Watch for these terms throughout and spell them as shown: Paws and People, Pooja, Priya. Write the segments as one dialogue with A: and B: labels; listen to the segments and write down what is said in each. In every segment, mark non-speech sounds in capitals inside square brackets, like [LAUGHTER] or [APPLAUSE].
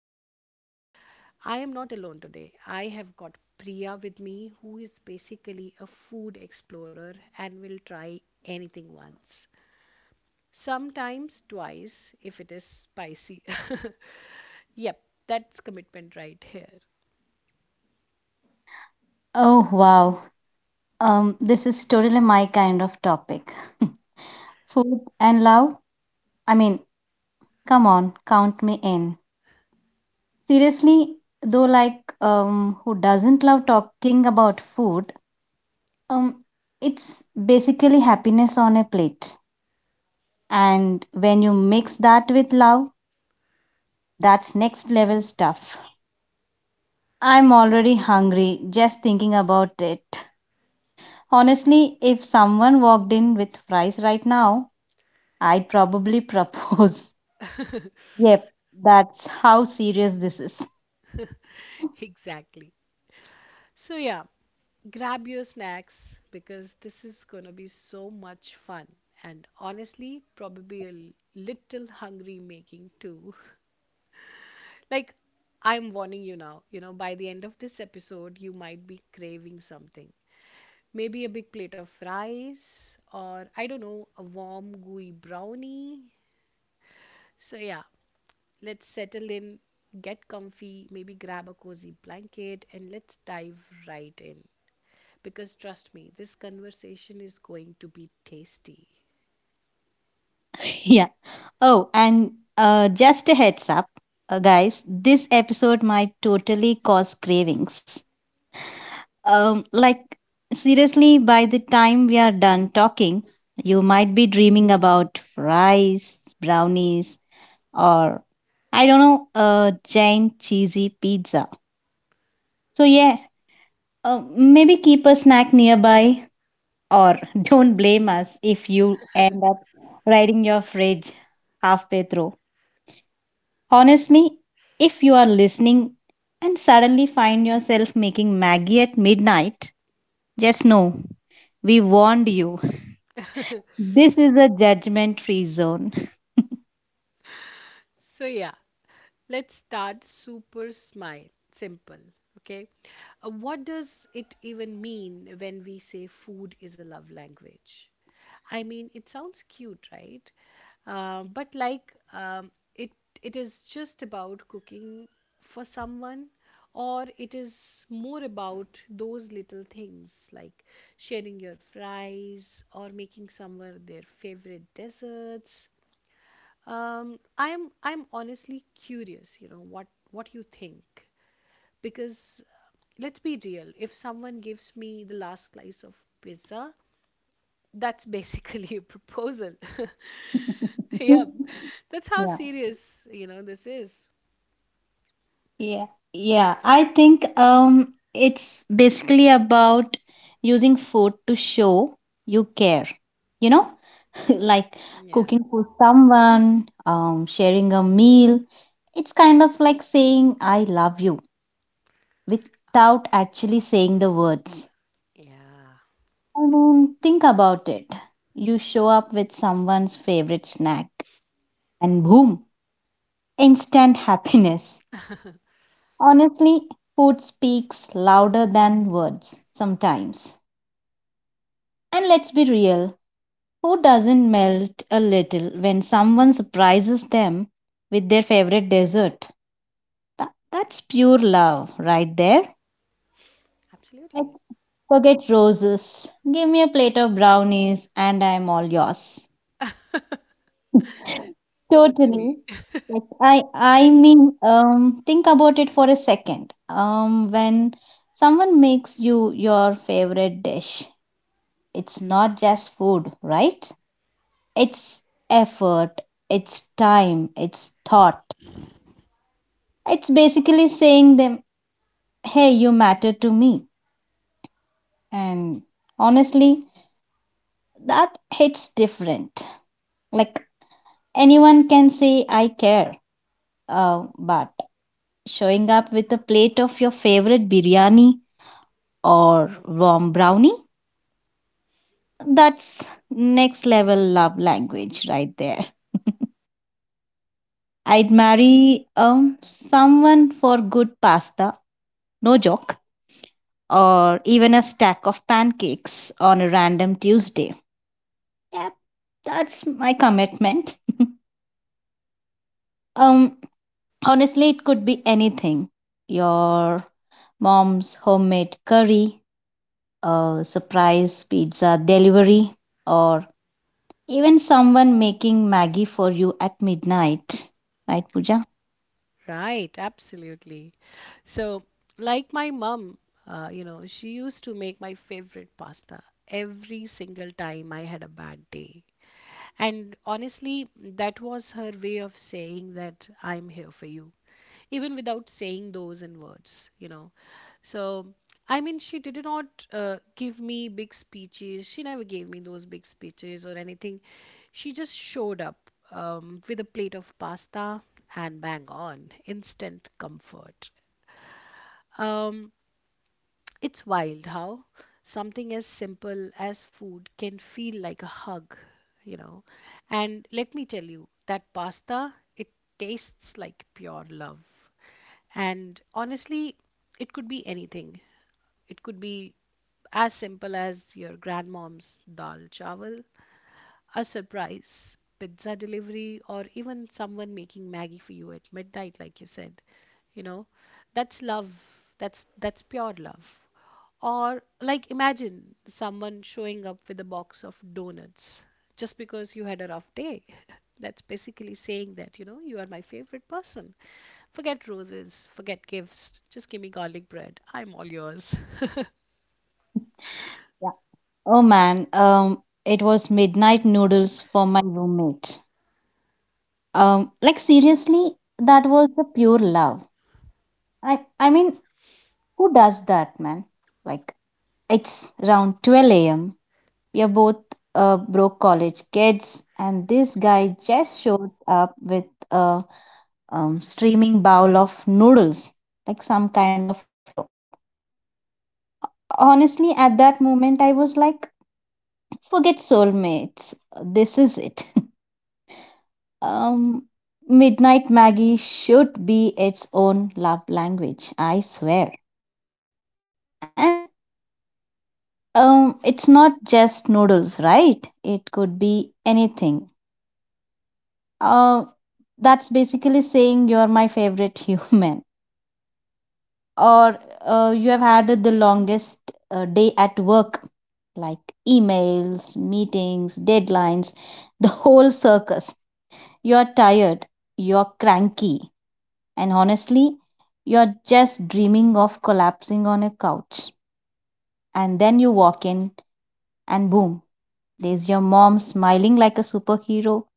A: guess what? I am not alone today. I have got Priya with me, who is basically a food explorer and will try anything once. Sometimes twice if it is spicy. [LAUGHS] Yep, that's commitment right here.
B: Oh, wow. This is totally my kind of topic. [LAUGHS] Food and love? I mean, come on, count me in. Seriously, though, like, who doesn't love talking about food? Um, it's basically happiness on a plate. And when you mix that with love, that's next level stuff. I'm already hungry just thinking about it. Honestly, if someone walked in with fries right now, I'd probably propose. [LAUGHS] Yep, that's how serious this is.
A: [LAUGHS] Exactly. So, yeah, grab your snacks because this is going to be so much fun and honestly, probably a little hungry making too. [LAUGHS] Like, I'm warning you now, you know, by the end of this episode, you might be craving something. Maybe a big plate of rice or, I don't know, a warm, gooey brownie. So, yeah, let's settle in, get comfy, maybe grab a cozy blanket, and let's dive right in, because trust me, this conversation is going to be tasty.
B: [LAUGHS] Yeah. Oh, and just a heads up, guys, this episode might totally cause cravings. Um, like, seriously, by the time we are done talking, you might be dreaming about fries, brownies, or I don't know, a giant cheesy pizza. So, yeah, maybe keep a snack nearby. Or don't blame us if you end up riding your fridge halfway through. Honestly, if you are listening and suddenly find yourself making Maggie at midnight, just know we warned you. This is a judgment free zone. [LAUGHS]
A: So, yeah, let's start super smile simple. Okay. What does it even mean when we say food is a love language? I mean, it sounds cute, right? But like, it is just about cooking for someone, or it is more about those little things like sharing your fries or making someone their favorite desserts. I'm honestly curious, you know, what you think, because let's be real, if someone gives me the last slice of pizza, that's basically [LAUGHS] a proposal. [LAUGHS] Yeah, that's how
B: Yeah.
A: serious, you know, this is.
B: Yeah. Yeah. I think it's basically about using food to show you care. You know? [LAUGHS] Like
A: Yeah.
B: cooking for someone, sharing a meal. It's kind of like saying, I love you without actually saying the words.
A: Yeah,
B: I mean, think about it. You show up with someone's favorite snack, and boom, instant [LAUGHS] happiness. Honestly, food speaks louder than words sometimes. And let's be real. Who doesn't melt a little when someone surprises them with their favorite dessert? That's pure love right there. Like,
A: absolutely.
B: forget roses. Give me a plate of brownies and I'm all yours. [LAUGHS] Totally.
A: Totally.
B: Like, I mean, think about it for a second. When someone makes you your favorite dish, it's not just food, right? It's effort, it's time, it's thought. It's basically saying them, hey, you matter to me. And honestly, that hits different. Like anyone can say, I care. But showing up with a plate of your favorite biryani or warm brownie, that's next level love language right there. [LAUGHS] I'd marry someone for good pasta. No joke. Or even a stack of pancakes on a random Tuesday. Yep, that's my commitment. [LAUGHS] um, honestly, it could be anything, your mom's homemade curry, a surprise pizza delivery, or even someone making Maggie for you at midnight. Right, Pooja?
A: Right, absolutely. So, like my mom, you know, she used to make my favorite pasta every single time I had a bad day. And honestly, that was her way of saying that I'm here for you, even without saying those in words, you know. So, I mean, she did not give me big speeches. She never gave me those big speeches or anything. She just showed up with a plate of pasta, and bang on, instant comfort. Um, it's wild how something as simple as food can feel like a hug, you know. And let me tell you, that pasta, it tastes like pure love. And honestly, it could be anything. It could be as simple as your grandmom's dal chawal, a surprise pizza delivery, or even someone making maggie for you at midnight, like you said, you know. That's love. That's pure love. Or like, imagine someone showing up with a box of donuts just because you had a rough day. [LAUGHS] That's basically saying that, you know, you are my favorite person. Forget roses, forget gifts, just give me garlic bread, I'm all yours.
B: Yeah. Oh man, it was midnight noodles for my roommate. Like seriously, that was the pure love. I mean, who does that, man? Like, it's around 12 a.m. We are both broke college kids, and this guy just showed up with a streaming bowl of noodles, like some kind of hero. Honestly, at that moment, I was like, forget soulmates, this is it. [LAUGHS] um, Midnight Maggie should be its own love language, I swear. And it's not just noodles, right? It could be anything. Uh, that's basically saying you're my favorite [LAUGHS] human, or you have had the longest day at work, like emails, meetings, deadlines, [LAUGHS] the whole circus. You're tired, you're cranky, and honestly, you're just dreaming of collapsing on a couch. And then you walk in, and boom, there's your mom smiling like a superhero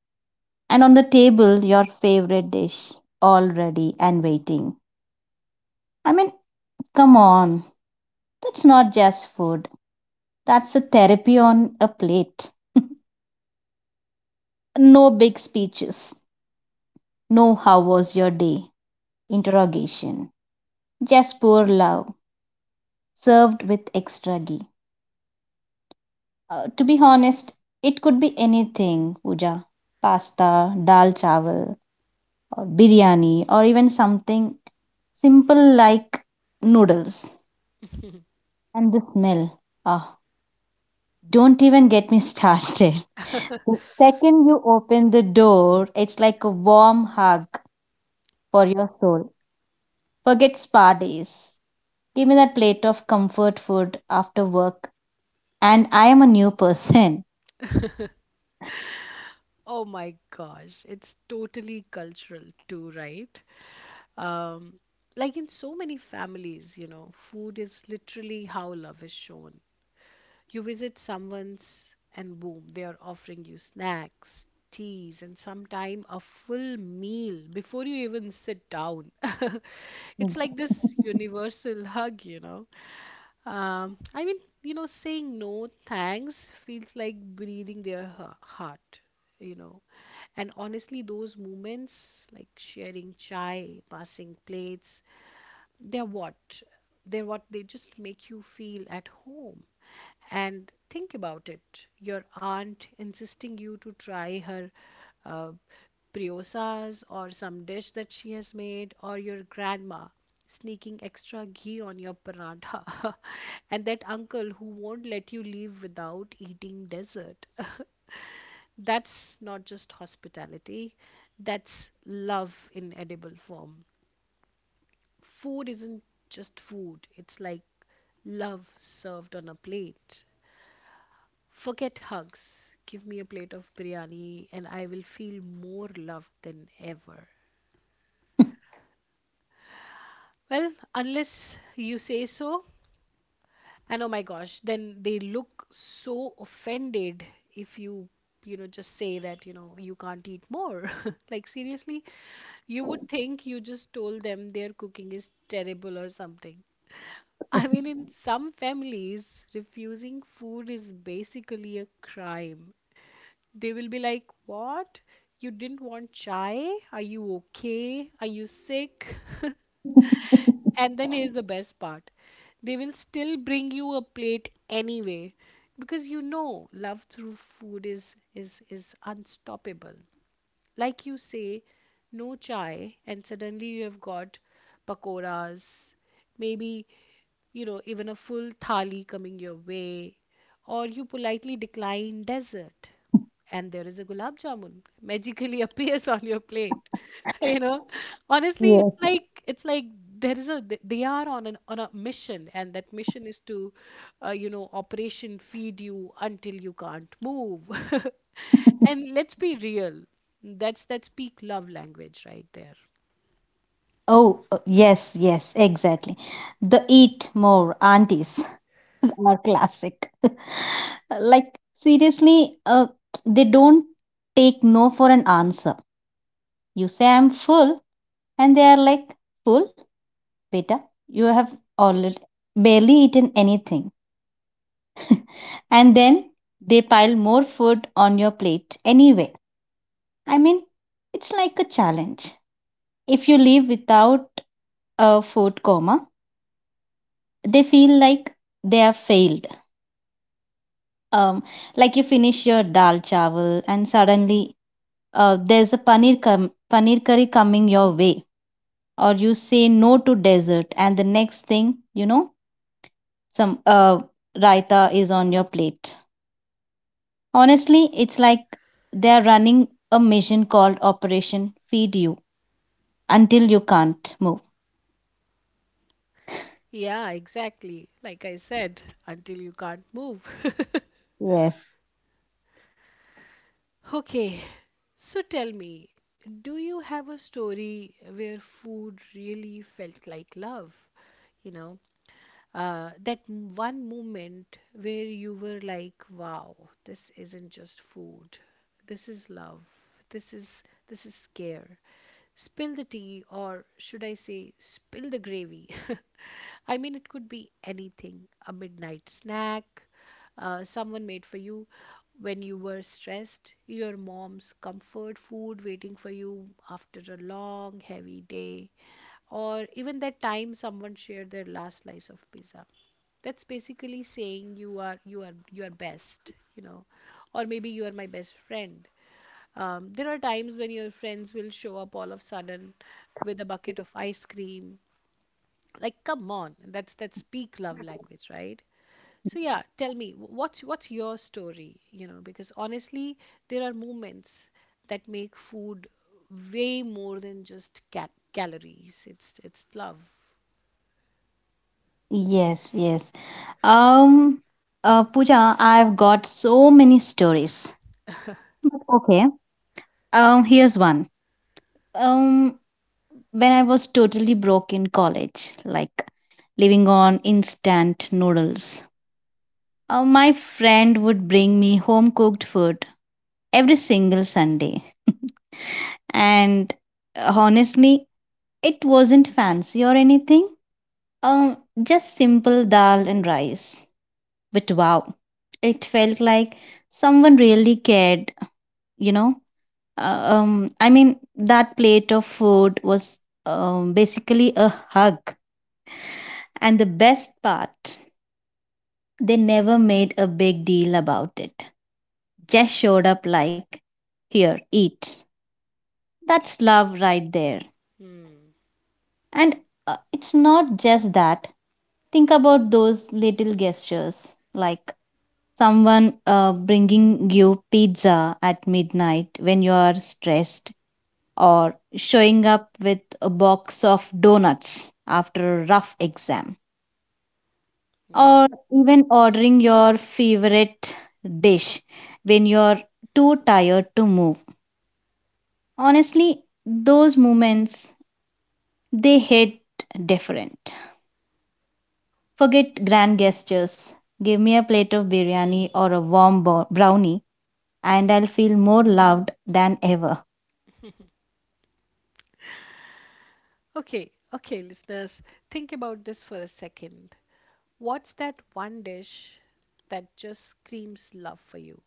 B: and on the table your favorite dish all ready and waiting. I mean, come on, that's not just food. That's a therapy on a plate. [LAUGHS] No big speeches. No how was your day? Interrogation. Just pure love, served with extra ghee. To be honest, it could be anything, Pooja. Pasta, dal chawal, or biryani, or even something simple like noodles. And the smell. Ah, don't even get me started. [LAUGHS] The second you open the door, it's like a warm hug for your soul. Forget spa days. Give me that plate of comfort food after work, and I am a new person.
A: [LAUGHS] Oh my gosh, it's totally cultural too, right? Um, like, in so many families, you know, food is literally how love is shown. You visit someone's and boom, they are offering you snacks, teas, and sometime a full meal before you even sit down. [LAUGHS] It's like
B: Exactly.
A: this
B: [LAUGHS]
A: universal hug, you know. I mean, you know, saying no thanks feels like breathing their heart, you know. And honestly, those moments, like sharing chai, passing plates, they're what they're what they just make you feel at home. And think about it, your aunt insisting you to try her uh, briosas or some dish that she has made, or your grandma sneaking extra ghee on your paratha, [LAUGHS] and that uncle who won't let you leave without eating dessert. [LAUGHS] That's not just hospitality, that's love in edible form. Food isn't just food, it's like love served on a plate. Forget hugs. Give me a plate of biryani and I will feel more loved than ever. Well, unless you say so. And oh my gosh, then they look so offended if you, you know, just say that, you know, you can't eat more. [LAUGHS] Like, seriously, you would think you just told them their cooking is terrible or something. I mean, in some families, refusing food is basically a crime. They will be like, "What? You didn't want chai? Are you okay? Are you sick?" [LAUGHS] And then here's the best part, they will still bring you a plate anyway, because, you know, love through food is unstoppable. Like, you say no chai, and suddenly you have got pakoras, maybe, you know, even a full thali coming your way. Or you politely decline dessert, and there is a gulab jamun magically [LAUGHS] appears on your plate. [LAUGHS] You know, honestly,
B: Yes.
A: it's like there is a th- they are on an on a mission, and that mission is to, you know, operation feed you until you can't move. [LAUGHS] And let's be real. That's peak love language right there.
B: Oh, yes, yes, exactly. The eat more aunties [LAUGHS] are classic. Like, seriously, they don't take no for an answer. You say, I'm full, and they are like, full, beta, you have already barely eaten anything. And then they pile more food on your plate anyway. I mean, it's like a challenge. If you leave without a food coma, they feel like they have failed. Um, like you finish your dal chawal and suddenly there's a paneer curry coming your way, or you say no to dessert and the next thing you know some raita is on your plate. Honestly, it's like they are running a mission called operation feed you until you can't move.
A: Yeah, exactly. Like I said, until you can't move.
B: Yes.
A: Okay, so tell me, do you have a story where food really felt like love? You know, that one moment where you were like, wow, this isn't just food, this is love, this is this is care. Spill the tea, or should I say, spill the gravy. [LAUGHS] I mean, it could be anything. A midnight snack someone made for you when you were stressed, your mom's comfort food waiting for you after a long heavy day, or even that time someone shared their last slice of pizza. That's basically saying you are best, you know, or maybe you are my best friend. There are times when your friends will show up all of a sudden with a bucket of ice cream. Like, come on, that's that speak love language, right? So, yeah, tell me, what's your story, you know, because honestly, there are moments that make food way more than just cat calories. It's love.
B: Yes, yes. um Pooja, I've got so many stories. But okay, here's one. um when I was totally broke in college, like living on instant noodles. My friend would bring me home cooked food every single Sunday. [LAUGHS] And honestly, it wasn't fancy or anything, um, just simple dal and rice. But wow, it felt like someone really cared, you know. I mean, that plate of food was basically a hug. And the best part, they never made a big deal about it. Just showed up like, here, eat. That's love right there.
A: Hmm.
B: And it's not just that. Think about those little gestures, like someone bringing you pizza at midnight when you are stressed, or showing up with a box of donuts after a rough exam,
A: Yeah.
B: or even ordering your favorite dish when you're too tired to move. Honestly, those moments, they hit different. Forget grand gestures. Give me a plate of biryani or a brownie and I'll feel more loved than ever.
A: Okay. Okay, listeners, think about this for a second. What's that one dish that just screams love for you?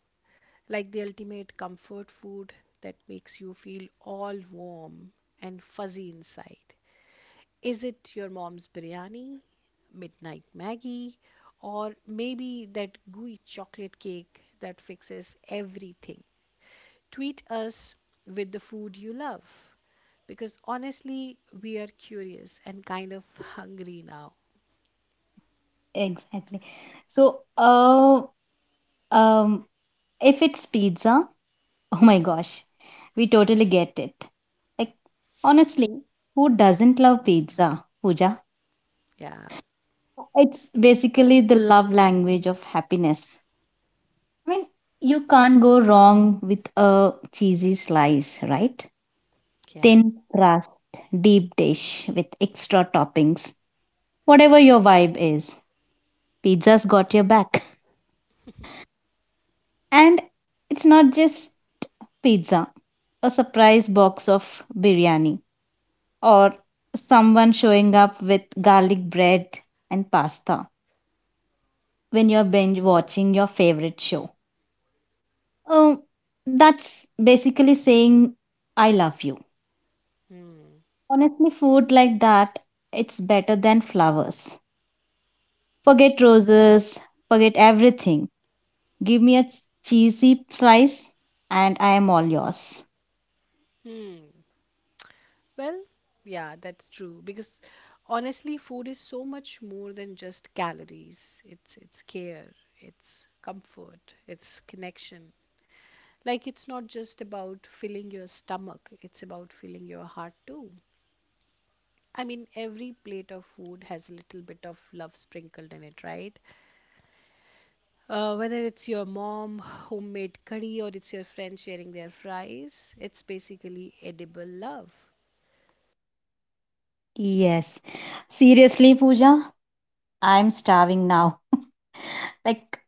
A: Like the ultimate comfort food that makes you feel all warm and fuzzy inside. Is it your mom's biryani, midnight Maggie, or maybe that gooey chocolate cake that fixes everything? Tweet us with the food you love, because honestly, we are curious and kind of hungry now.
B: Exactly. So, um if it's pizza, oh my gosh, we totally get it. Like, honestly, who doesn't love pizza, Pooja?
A: Yeah,
B: It's basically the love language of happiness. I mean, you can't go wrong with a cheesy slice, right?
A: yeah.
B: Thin crust, deep dish with extra toppings. Whatever your vibe is, pizza's got your back. And it's not just pizza, a surprise box of biryani or someone showing up with garlic bread and pasta when you're binge watching your favorite show. Um, that's basically saying, I love you.
A: Hmm.
B: Honestly, food like that, it's better than flowers. Forget roses, forget everything. Give me a cheesy slice and I am all yours.
A: Hmm. Well, yeah, that's true, because honestly, food is so much more than just calories. It's care, it's comfort, it's connection. Like, it's not just about filling your stomach, it's about filling your heart too. I mean, every plate of food has a little bit of love sprinkled in it, right? Whether it's your mom homemade curry or it's your friend sharing their fries, it's basically edible love.
B: Yes. Seriously, Pooja, I'm starving now. Like,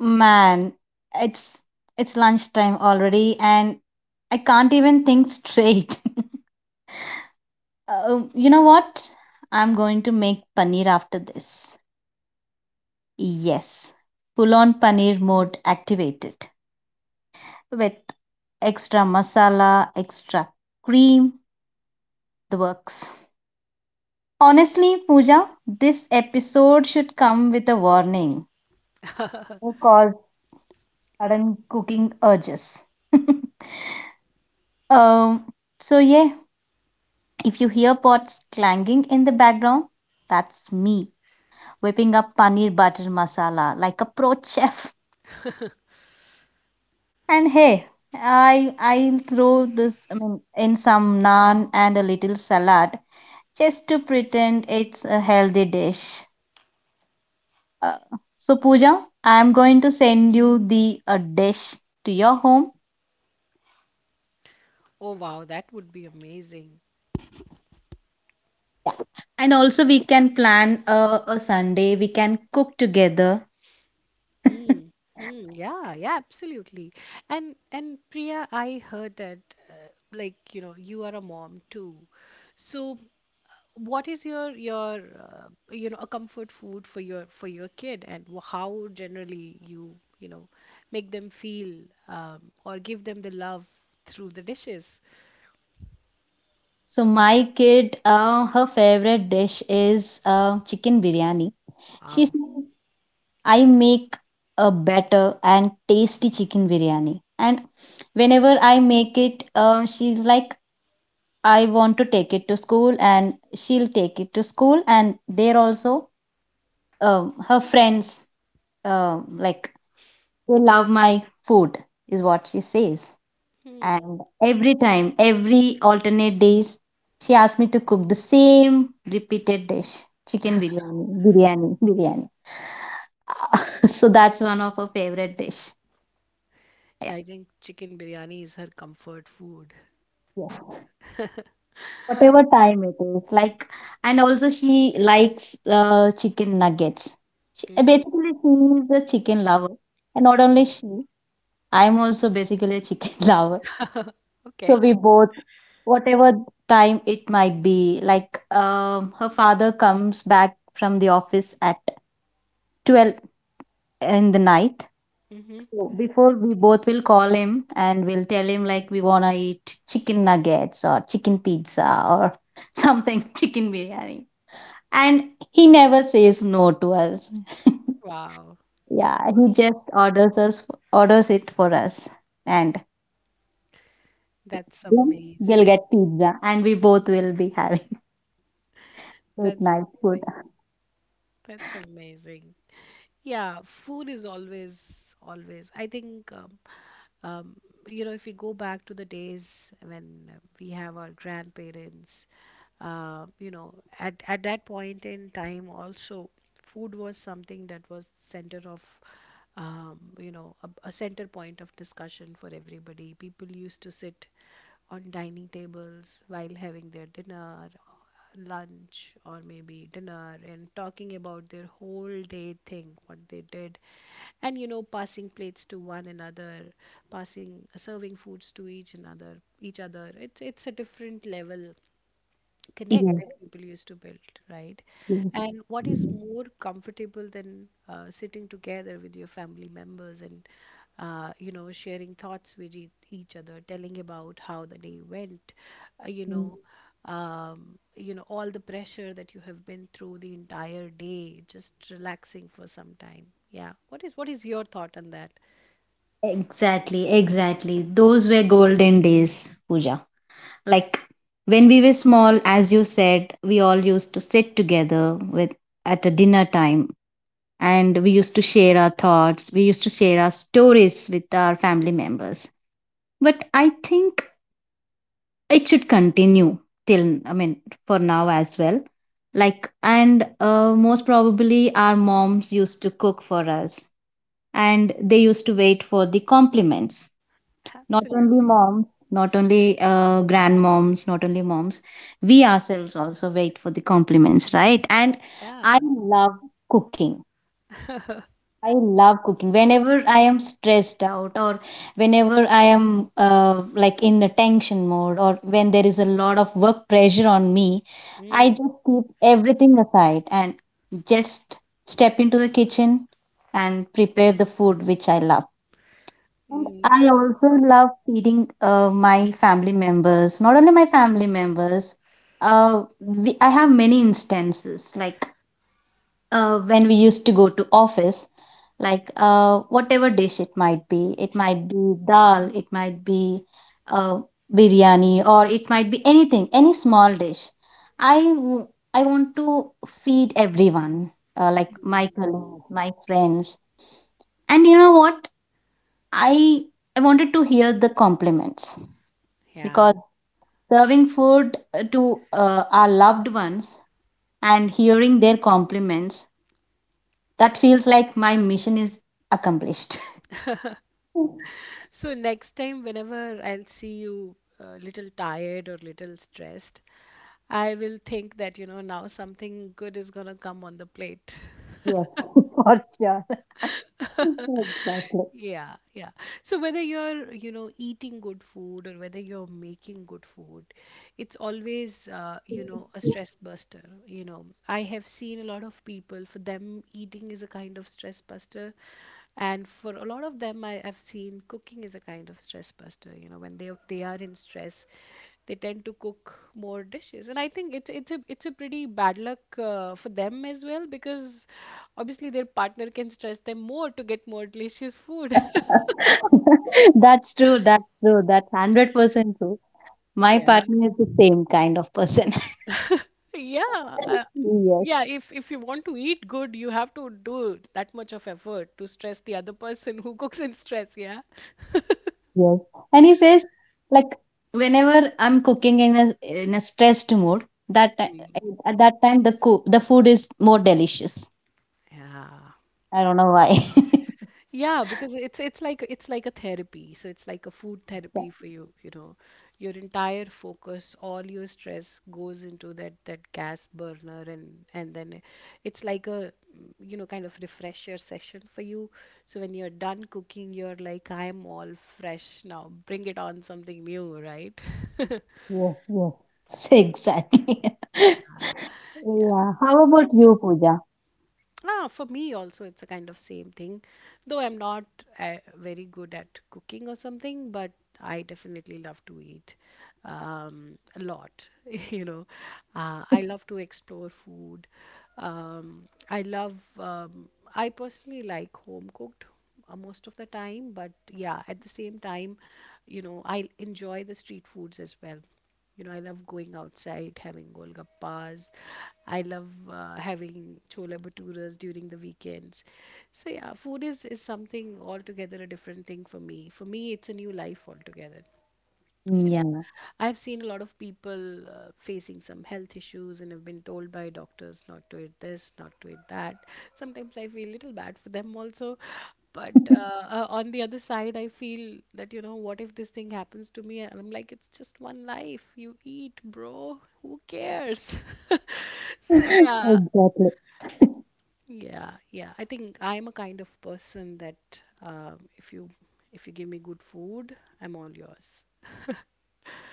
B: man, it's it's lunchtime already, and I can't even think straight. [LAUGHS] You know what? I'm going to make paneer after this. Yes, full on paneer mode activated with extra masala, extra cream, the works. Honestly, Pooja, this episode should come with a warning because sudden cooking urges. [LAUGHS] um, so yeah, if you hear pots clanging in the background, that's me whipping up paneer butter masala like a pro chef. And hey, I I'll throw this I mean, in some naan and a little salad just to pretend it's a healthy dish. Uh, so Pooja, I'm going to send you the a dish to your home,
A: Oh wow, that would be amazing.
B: and also we can plan a Sunday. We can cook together. [LAUGHS]
A: Hmm. Hmm. Yeah, yeah, absolutely. And Priya, I heard that like, you know, you are a mom too. So what is your you know, a comfort food for your kid, and how generally you, you know, make them feel or give them the love through the dishes?
B: So my kid, her favorite dish is chicken biryani. She
A: Wow.
B: says, I make a better and tasty chicken biryani. And whenever I make it, she's like, I want to take it to school, and she'll take it to school. And there also, her friends, like, they love my food, is what she says.
A: Hmm.
B: And every time, every alternate days, she asked me to cook the same repeated dish, chicken biryani, biryani, biryani. [LAUGHS] So that's one of her favorite dish. Yeah.
A: I think chicken biryani is her comfort food.
B: Yes. Whatever time it is, like, and also she likes chicken nuggets. She,
A: Mm.
B: basically, she is a chicken lover, and not only
A: Oh,
B: she, I'm also basically a chicken [LAUGHS] lover. So
A: okay.
B: we both, whatever time it might be, like her father comes back from the office at 12 in the night.
A: Mm-hmm.
B: So before we both will call him and we'll tell him like we wanna eat chicken nuggets or chicken pizza or [LAUGHS] something, chicken biryani. And he never says no to us.
A: Wow.
B: [LAUGHS] Yeah, he just orders it for us and
A: That's
B: then we'll
A: amazing.
B: get pizza and we both will be having late
A: That's
B: night food.
A: amazing. That's amazing. Yeah, food is always, always. I think Um, you know, if we go back to the days when we have our grandparents, you know, at that point in time also, food was something that was center of, you know, a center point of discussion for everybody. People used to sit on dining tables while having their dinner, lunch, or maybe dinner, and talking about their whole day thing, what they did, and you know, passing plates to one another, passing, serving foods to each other. It's a different level connect that
B: Yes,
A: people used to build, right?
B: yes.
A: And what is more comfortable than sitting together with your family members and, you know, sharing thoughts with each other, telling about how the day went, uh, you
B: Mm.
A: know, you know, all the pressure that you have been through the entire day, just relaxing for some time. Yeah. What is your thought on that?
B: Exactly, exactly. Those were golden days, Pooja. Like when we were small, as you said, we all used to sit together with at a dinner time and we used to share our thoughts, we used to share our stories with our family members. But I think it should continue till I mean for now as well. Like and most probably our moms used to cook for us and they used to wait for the compliments. Not only
A: Absolutely.
B: moms, not only grandmoms, not only moms, we ourselves also wait for the compliments, right? And I
A: Yeah.
B: love cooking.
A: [LAUGHS]
B: I love cooking. Whenever I am stressed out, or whenever I am like in a tension mode, or when there is a lot of work pressure on me, I
A: Mm,
B: just keep everything aside and just step into the kitchen and prepare the food which I love. And
A: mm,
B: I
A: so,
B: also love feeding my family members, not only my family members. I have many instances, like when we used to go to office, like whatever dish it might be dal, it might be uh, biryani, or it might be anything, any small dish. I w- I want to feed everyone, like my
A: mm,
B: colleagues, my friends, and you know what? I I wanted to hear the compliments
A: yeah.
B: because serving food to our loved ones and hearing their compliments, that feels like my mission is accomplished.
A: [LAUGHS]
B: [LAUGHS]
A: So next time, whenever I'll see you little tired or little stressed, I will think that, you know, now something good is gonna come on the plate.
B: Yes, [LAUGHS] for sure. [LAUGHS]
A: [LAUGHS]
B: Exactly.
A: Yeah, yeah. So whether you're, you know, eating good food or whether you're making good food, it's always, you know, a stress buster. You know, I have seen a lot of people, for them, eating is a kind of stress buster. And for a lot of them, I've seen cooking is a kind of stress buster. You know, when they are in stress, they tend to cook more dishes, and I think it's a pretty bad luck for them as well because obviously their partner can stress them more to get more delicious food. [LAUGHS]
B: [LAUGHS] That's true. That's true. That's 100% true. My
A: Yeah.
B: partner is the same kind of person. [LAUGHS]
A: Yeah,
B: Yes.
A: yeah. If you want to eat good, you have to do that much of effort to stress the other person who [LAUGHS] cooks in stress. Yeah.
B: Yes. And he says, like, whenever I'm cooking in a stressed mood,
A: Mm.
B: at that time the food is more delicious.
A: Yeah.
B: I don't know why.
A: Yeah, because it's like a therapy. So it's like a food therapy for you, you know. Your entire focus, all your stress goes into that gas burner and then it's like a you know, kind of refresher session for you. So when you're done cooking, you're like, I'm all fresh now. Bring it on something new, right? [LAUGHS]
B: [LAUGHS] Yes, yes. [LAUGHS] Exactly. [LAUGHS]
A: Yeah.
B: Yeah. How about you, Pooja?
A: Ah, for me also, it's a kind of same thing. Though I'm not very good at cooking or something, but I definitely love to eat a lot. [LAUGHS] You know, I love to explore food. I love. I personally like home cooked most of the time, but yeah, at the same time, you know, I enjoy the street foods as well. You know, I love going outside, having golgappas. I love having chole bhaturas during the weekends. So yeah, food is something altogether a different thing for me. For me, it's a new life altogether. Yeah.
B: Yeah.
A: I've seen a lot of people facing some health issues and have been told by doctors not to eat this, not to eat that. Sometimes I feel a little bad for them also. But
B: [LAUGHS]
A: on the other side, I feel that, you know, what if this thing happens to me? And I'm like, it's just one life. You eat, bro. Who cares? [LAUGHS] So, yeah,
B: Exactly.
A: yeah, yeah. I think I'm a kind of person that if you give me good food, I'm all yours. [LAUGHS]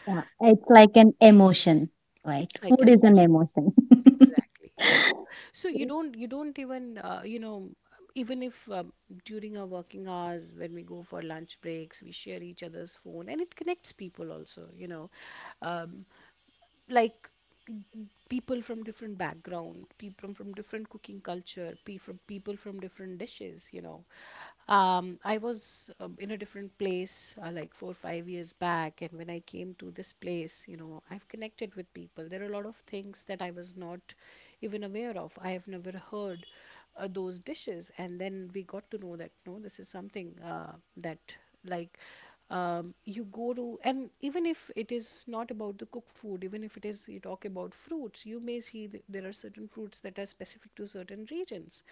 B: Yeah. It's like an emotion, right?
A: It's like
B: Food
A: an
B: is an
A: emotion.
B: emotion.
A: Exactly, exactly. So you
B: [LAUGHS]
A: don't you don't even you know, even if during our working hours, when we go for lunch breaks, we share each other's phone, and it connects people also, you know, um, like, people from different background, people from different cooking culture, from people from different dishes, you know, I was in a different place like 4 or 5 years back, and when I came to this place, you know, I've connected with people, there are a lot of things that I was not even aware of, I have never heard those dishes, and then we got to know that no, this is something that like, you go to, and even if it is not about the cooked food, even if it is, you talk about fruits, you may see that there are certain fruits that are specific to certain regions,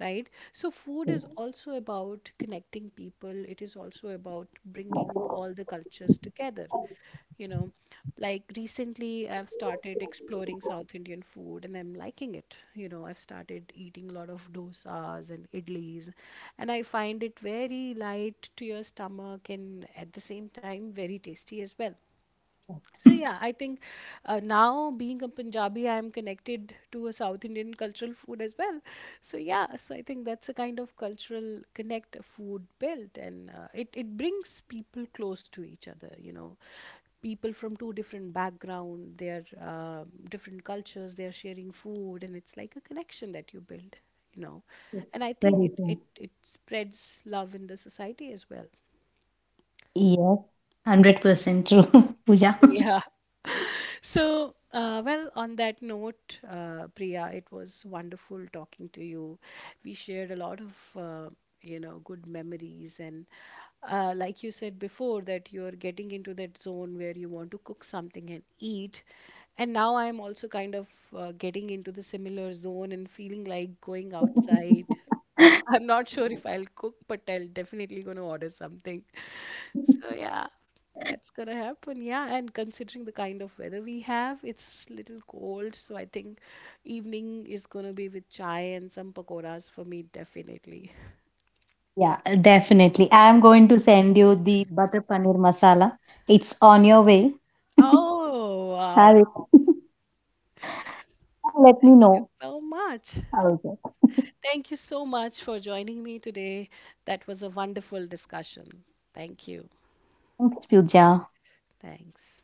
A: right? So food is also about connecting people, it is also about bringing all the cultures together,
B: [LAUGHS]
A: you know, like, recently I've started exploring south indian food, and I'm liking it, you know, I've started eating a lot of dosas and idlis, and I find it very light to your stomach, and at the same time very tasty as well. So yeah, I think now being a Punjabi, I am connected to a South Indian cultural food as well. So yeah, so I think that's a kind of cultural connect food built, and it brings people close to each other. You know, people from two different background, their uh, different cultures, they are sharing food, and it's like a connection that you build. You know, and I think
B: Very
A: it
B: true.
A: it it spreads love in the society as well.
B: Yes, 100% true, [LAUGHS] Pooja.
A: Yeah. [LAUGHS] So, well, on that note, Priya, it was wonderful talking to you. We shared a lot of, you know, good memories. And like you said before, that you're getting into that zone where you want to cook something and eat. And now I'm also kind of getting into the similar zone and feeling like going outside. I'm not sure if I'll cook, but I'll definitely gonna order something. [LAUGHS] So yeah, that's gonna happen. Yeah, and considering the kind of weather we have, it's little cold, so I think evening is gonna be with chai and some pakoras for me definitely.
B: Yeah, definitely. I'm going to send you the butter paneer masala. It's on your way.
A: Oh,
B: [LAUGHS] Have
A: wow.
B: it. [LAUGHS] Let me
A: Thank you
B: know
A: so much.
B: how is it. [LAUGHS]
A: Thank you so much for joining me today. That was a wonderful discussion. Thank you.
B: Thanks, Pooja.
A: Thanks.